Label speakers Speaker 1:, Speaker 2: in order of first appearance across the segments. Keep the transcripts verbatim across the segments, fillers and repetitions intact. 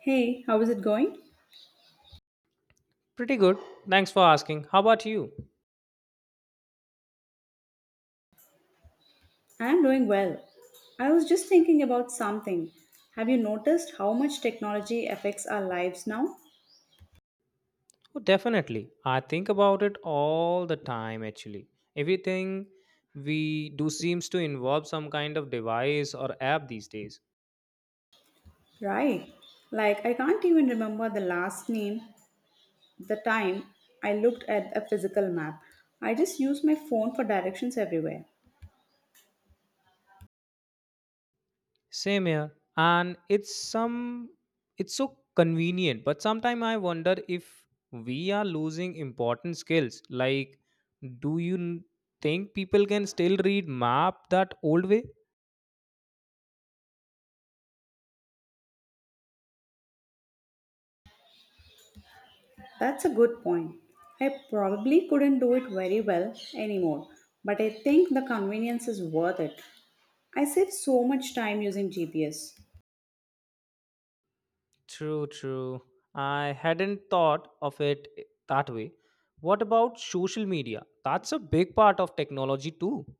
Speaker 1: Hey, how is it going?
Speaker 2: Pretty good. Thanks for asking. How about you?
Speaker 1: I'm doing well. I was just thinking about something. Have you noticed how much technology affects our lives now?
Speaker 2: Oh, definitely. I think about it all the time actually. Everything we do seems to involve some kind of device or app these days.
Speaker 1: Right. Like, I can't even remember the last name, the time I looked at a physical map. I just use my phone for directions everywhere.
Speaker 2: Same here. And it's some it's so convenient, but sometimes I wonder if we are losing important skills. Like do you n- think people can still read map that old way?
Speaker 1: That's a good point. I probably couldn't do it very well anymore, but I think the convenience is worth it. I save so much time using G P S.
Speaker 2: True, true. I hadn't thought of it i- that way. What about social media? That's a big part of technology too.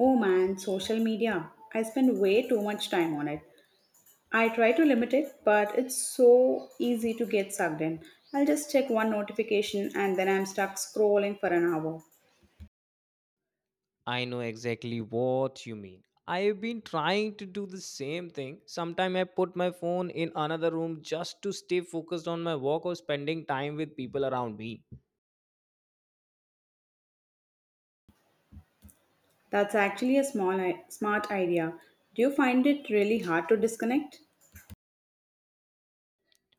Speaker 1: Oh man, social media. I spend way too much time on it. I try to limit it, but it's so easy to get sucked in. I'll just check one notification and then I'm stuck scrolling for an hour.
Speaker 2: I know exactly what you mean. I've been trying to do the same thing. Sometimes I put my phone in another room just to stay focused on my work or spending time with people around me.
Speaker 1: That's actually a small i- smart idea. Do you find it really hard to disconnect?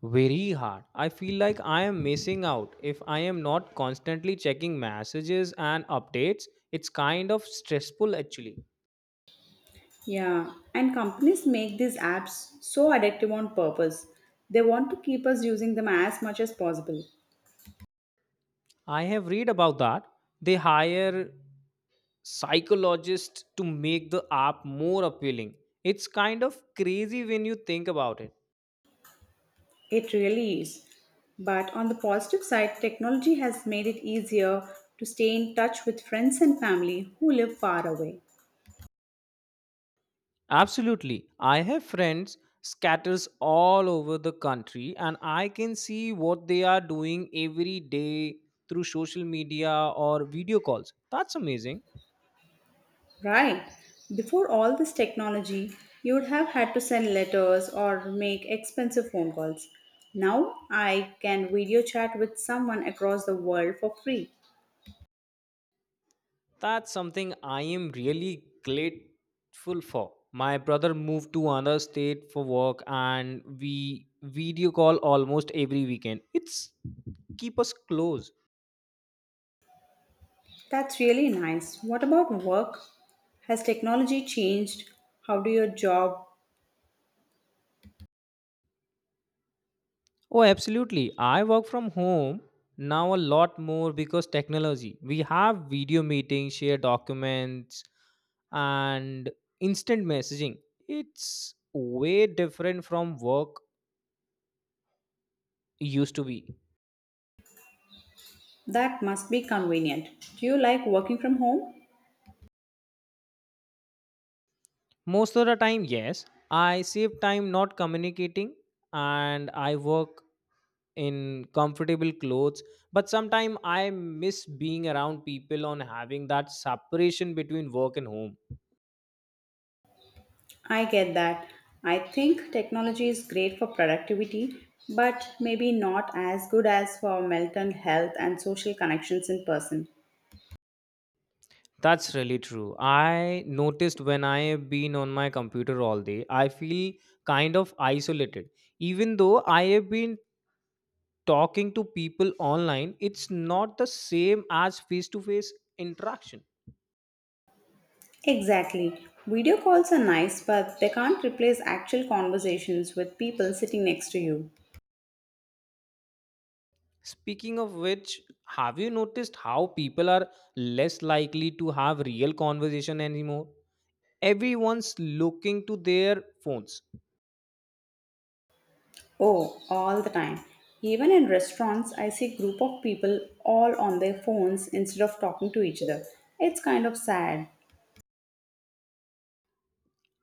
Speaker 2: Very hard. I feel like I am missing out if I am not constantly checking messages and updates. It's kind of stressful actually.
Speaker 1: Yeah, and companies make these apps so addictive on purpose. They want to keep us using them as much as possible.
Speaker 2: I have read about that. They hire psychologists to make the app more appealing. It's kind of crazy when you think about it.
Speaker 1: It really is. But on the positive side, technology has made it easier to stay in touch with friends and family who live far away.
Speaker 2: Absolutely. I have friends scatters all over the country and I can see what they are doing every day through social media or video calls. That's amazing.
Speaker 1: Right. Before all this technology, you would have had to send letters or make expensive phone calls. Now I can video chat with someone across the world for free.
Speaker 2: That's something I am really grateful for. My brother moved to another state for work and we video call almost every weekend. It's keep us close.
Speaker 1: That's really nice. What about work? Has technology changed? How do your job?
Speaker 2: Oh, absolutely. I work from home now a lot more because technology. We have video meetings, share documents and instant messaging. It's way different from work used to be.
Speaker 1: That must be convenient. Do you like working from home?
Speaker 2: Most of the time, yes. I save time not communicating and I work in comfortable clothes. But sometimes I miss being around people on having that separation between work and home.
Speaker 1: I get that. I think technology is great for productivity, but maybe not as good as for mental health and social connections in person.
Speaker 2: That's really true. I noticed when I have been on my computer all day, I feel kind of isolated. Even though I have been talking to people online, it's not the same as face to face interaction.
Speaker 1: Exactly. Video calls are nice, but they can't replace actual conversations with people sitting next to you.
Speaker 2: Speaking of which, have you noticed how people are less likely to have real conversation anymore? Everyone's looking to their phones.
Speaker 1: Oh, all the time. Even in restaurants, I see group of people all on their phones instead of talking to each other. It's kind of sad.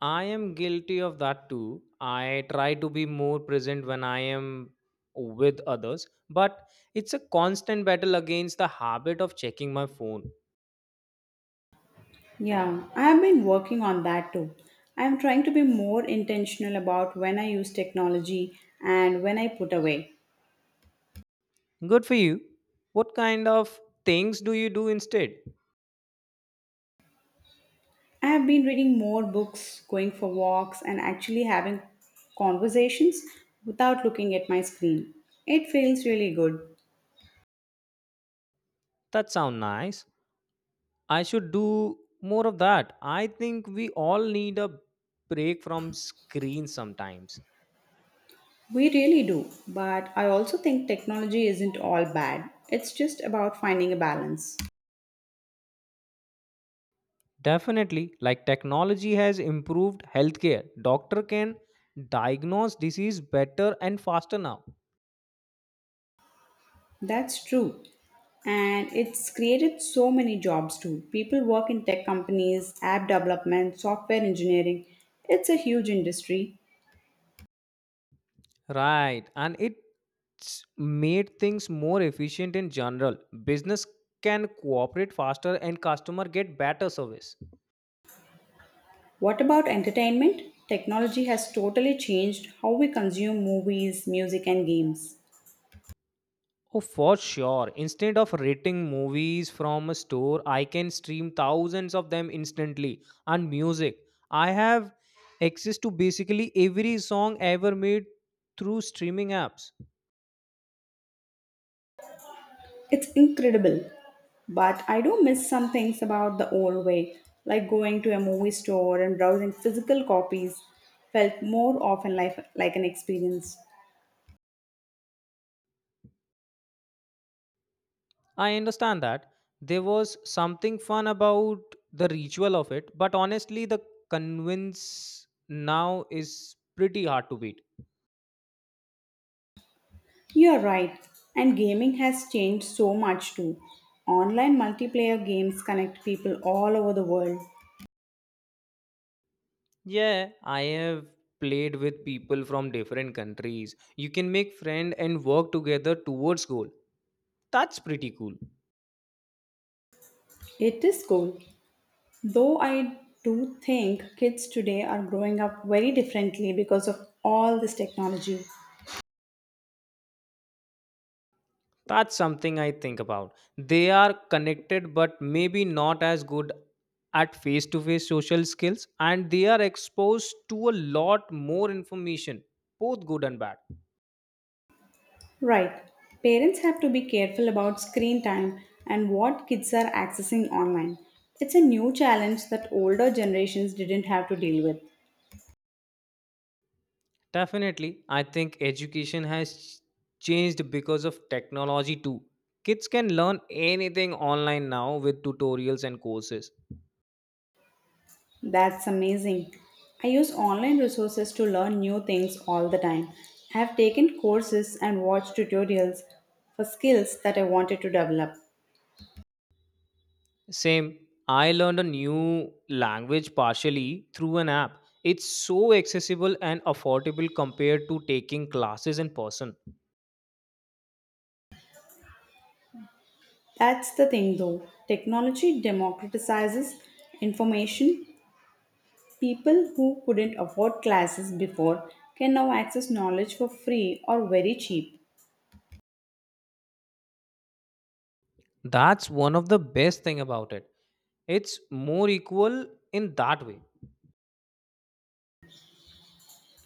Speaker 2: I am guilty of that too. I try to be more present when I am with others, but it's a constant battle against the habit of checking my phone.
Speaker 1: Yeah, I have been working on that too. I am trying to be more intentional about when I use technology and when I put away.
Speaker 2: Good for you. What kind of things do you do instead?
Speaker 1: I have been reading more books, going for walks, and actually having conversations without looking at my screen. It feels really good.
Speaker 2: That sound nice. I should do more of that. I think we all need a break from screens sometimes.
Speaker 1: We really do, but I also think technology isn't all bad. It's just about finding a balance.
Speaker 2: Definitely, like technology has improved healthcare. Doctor can diagnose disease better and faster now.
Speaker 1: That's true. And it's created so many jobs too. People work in tech companies, app development, software engineering. It's a huge industry.
Speaker 2: Right, and it's made things more efficient in general. Business can cooperate faster and customer get better service.
Speaker 1: What about entertainment? Technology has totally changed how we consume movies, music, and games.
Speaker 2: Oh, for sure. Instead of rating movies from a store, I can stream thousands of them instantly. And music, I have access to basically every song ever made through streaming apps.
Speaker 1: It's incredible. But I do miss some things about the old way, like going to a movie store and browsing physical copies, felt more often like, like an experience.
Speaker 2: I understand that there was something fun about the ritual of it, but honestly, the convince now is pretty hard to beat.
Speaker 1: You're right, and gaming has changed so much too. Online multiplayer games connect people all over the world.
Speaker 2: Yeah, I have played with people from different countries. You can make friend and work together towards goal. That's pretty cool.
Speaker 1: It is cool, though I do think kids today are growing up very differently because of all this technology.
Speaker 2: That's something I think about. They are connected, but maybe not as good at face to face social skills, and they are exposed to a lot more information, both good and bad.
Speaker 1: Right, parents have to be careful about screen time and what kids are accessing online. It's a new challenge that older generations didn't have to deal with.
Speaker 2: Definitely, I think education has changed because of technology too. Kids can learn anything online now with tutorials and courses.
Speaker 1: That's amazing. I use online resources to learn new things all the time. I have taken courses and watched tutorials for skills that I wanted to develop.
Speaker 2: Same. I learned a new language partially through an app. It's so accessible and affordable compared to taking classes in person.
Speaker 1: That's the thing though. Technology democratizes information. People who couldn't afford classes before can now access knowledge for free or very cheap.
Speaker 2: That's one of the best thing about it. It's more equal in that way.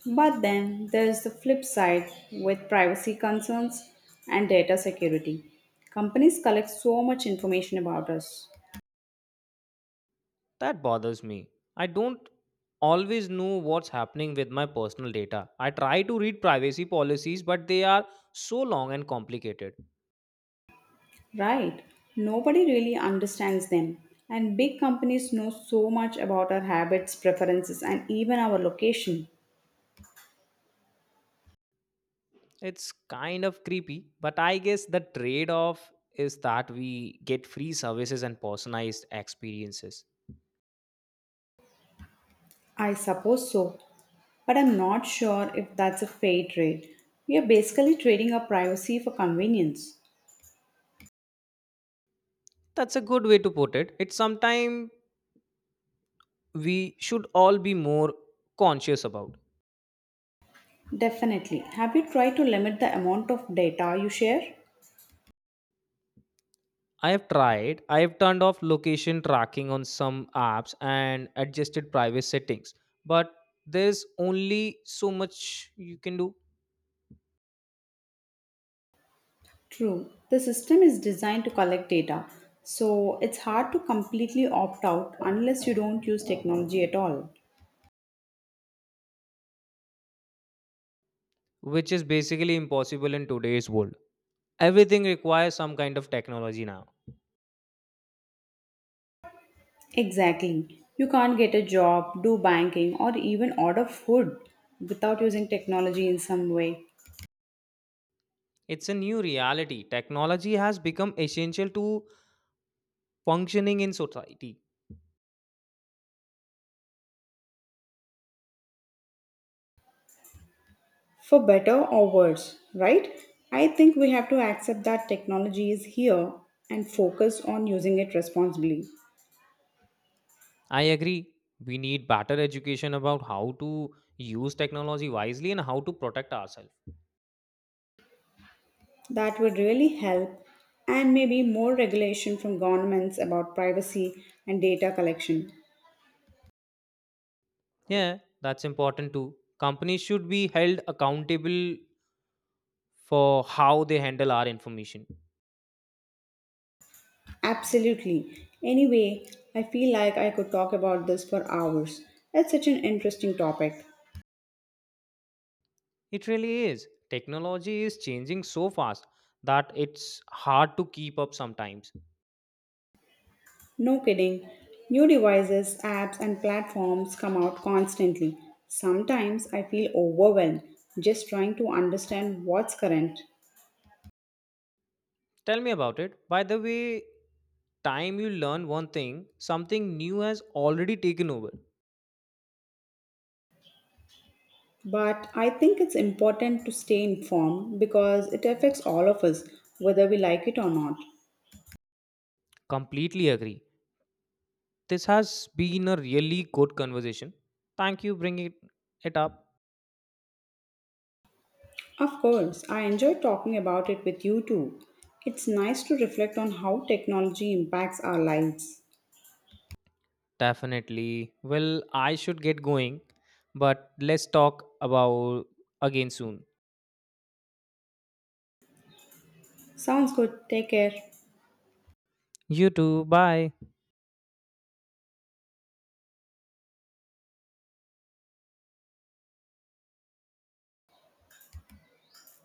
Speaker 1: But then there's the flip side with privacy concerns and data security. Companies collect so much information about us.
Speaker 2: That bothers me. I don't always know what's happening with my personal data. I try to read privacy policies but they are so long and complicated.
Speaker 1: Right. Nobody really understands them. And big companies know so much about our habits, preferences, and even our location.
Speaker 2: It's kind of creepy, but I guess the trade off is that we get free services and personalized experiences.
Speaker 1: I suppose so. But I'm not sure if that's a fair trade. We are basically trading our privacy for convenience.
Speaker 2: That's a good way to put it. It's sometimes we should all be more conscious about.
Speaker 1: Definitely. Have you tried to limit the amount of data you share?
Speaker 2: I have tried, I have turned off location tracking on some apps and adjusted private settings, but there's only so much you can do,
Speaker 1: True. The system is designed to collect data, so it's hard to completely opt out unless you don't use technology at all.
Speaker 2: which is basically impossible in today's world. Everything requires some kind of technology now.
Speaker 1: Exactly. You can't get a job, do banking, or even order food without using technology in some way,
Speaker 2: It's a new reality. Technology has become essential to functioning in society.
Speaker 1: for better or worse, right? I think we have to accept that technology is here and focus on using it responsibly.
Speaker 2: I agree. We need better education about how to use technology wisely and how to protect ourselves.
Speaker 1: That would really help, and maybe more regulation from governments about privacy and data collection.
Speaker 2: Yeah, that's important too. Companies should be held accountable for how they handle our information.
Speaker 1: Absolutely. Anyway, I feel like I could talk about this for hours. It's such an interesting topic.
Speaker 2: It really is. Technology is changing so fast that it's hard to keep up sometimes.
Speaker 1: No kidding. New devices, apps, and platforms come out constantly. Sometimes I feel overwhelmed just trying to understand what's current.
Speaker 2: Tell me about it. By the way, time you learn one thing, something new has already taken over.
Speaker 1: But I think it's important to stay informed because it affects all of us, whether we like it or not.
Speaker 2: Completely agree. This has been a really good conversation. Thank you bringing it up.
Speaker 1: Of course, I enjoy talking about it with you too. It's nice to reflect on how technology impacts our lives.
Speaker 2: Definitely. Well, I should get going, but let's talk about again soon.
Speaker 1: Sounds good. Take care.
Speaker 2: You too. Bye.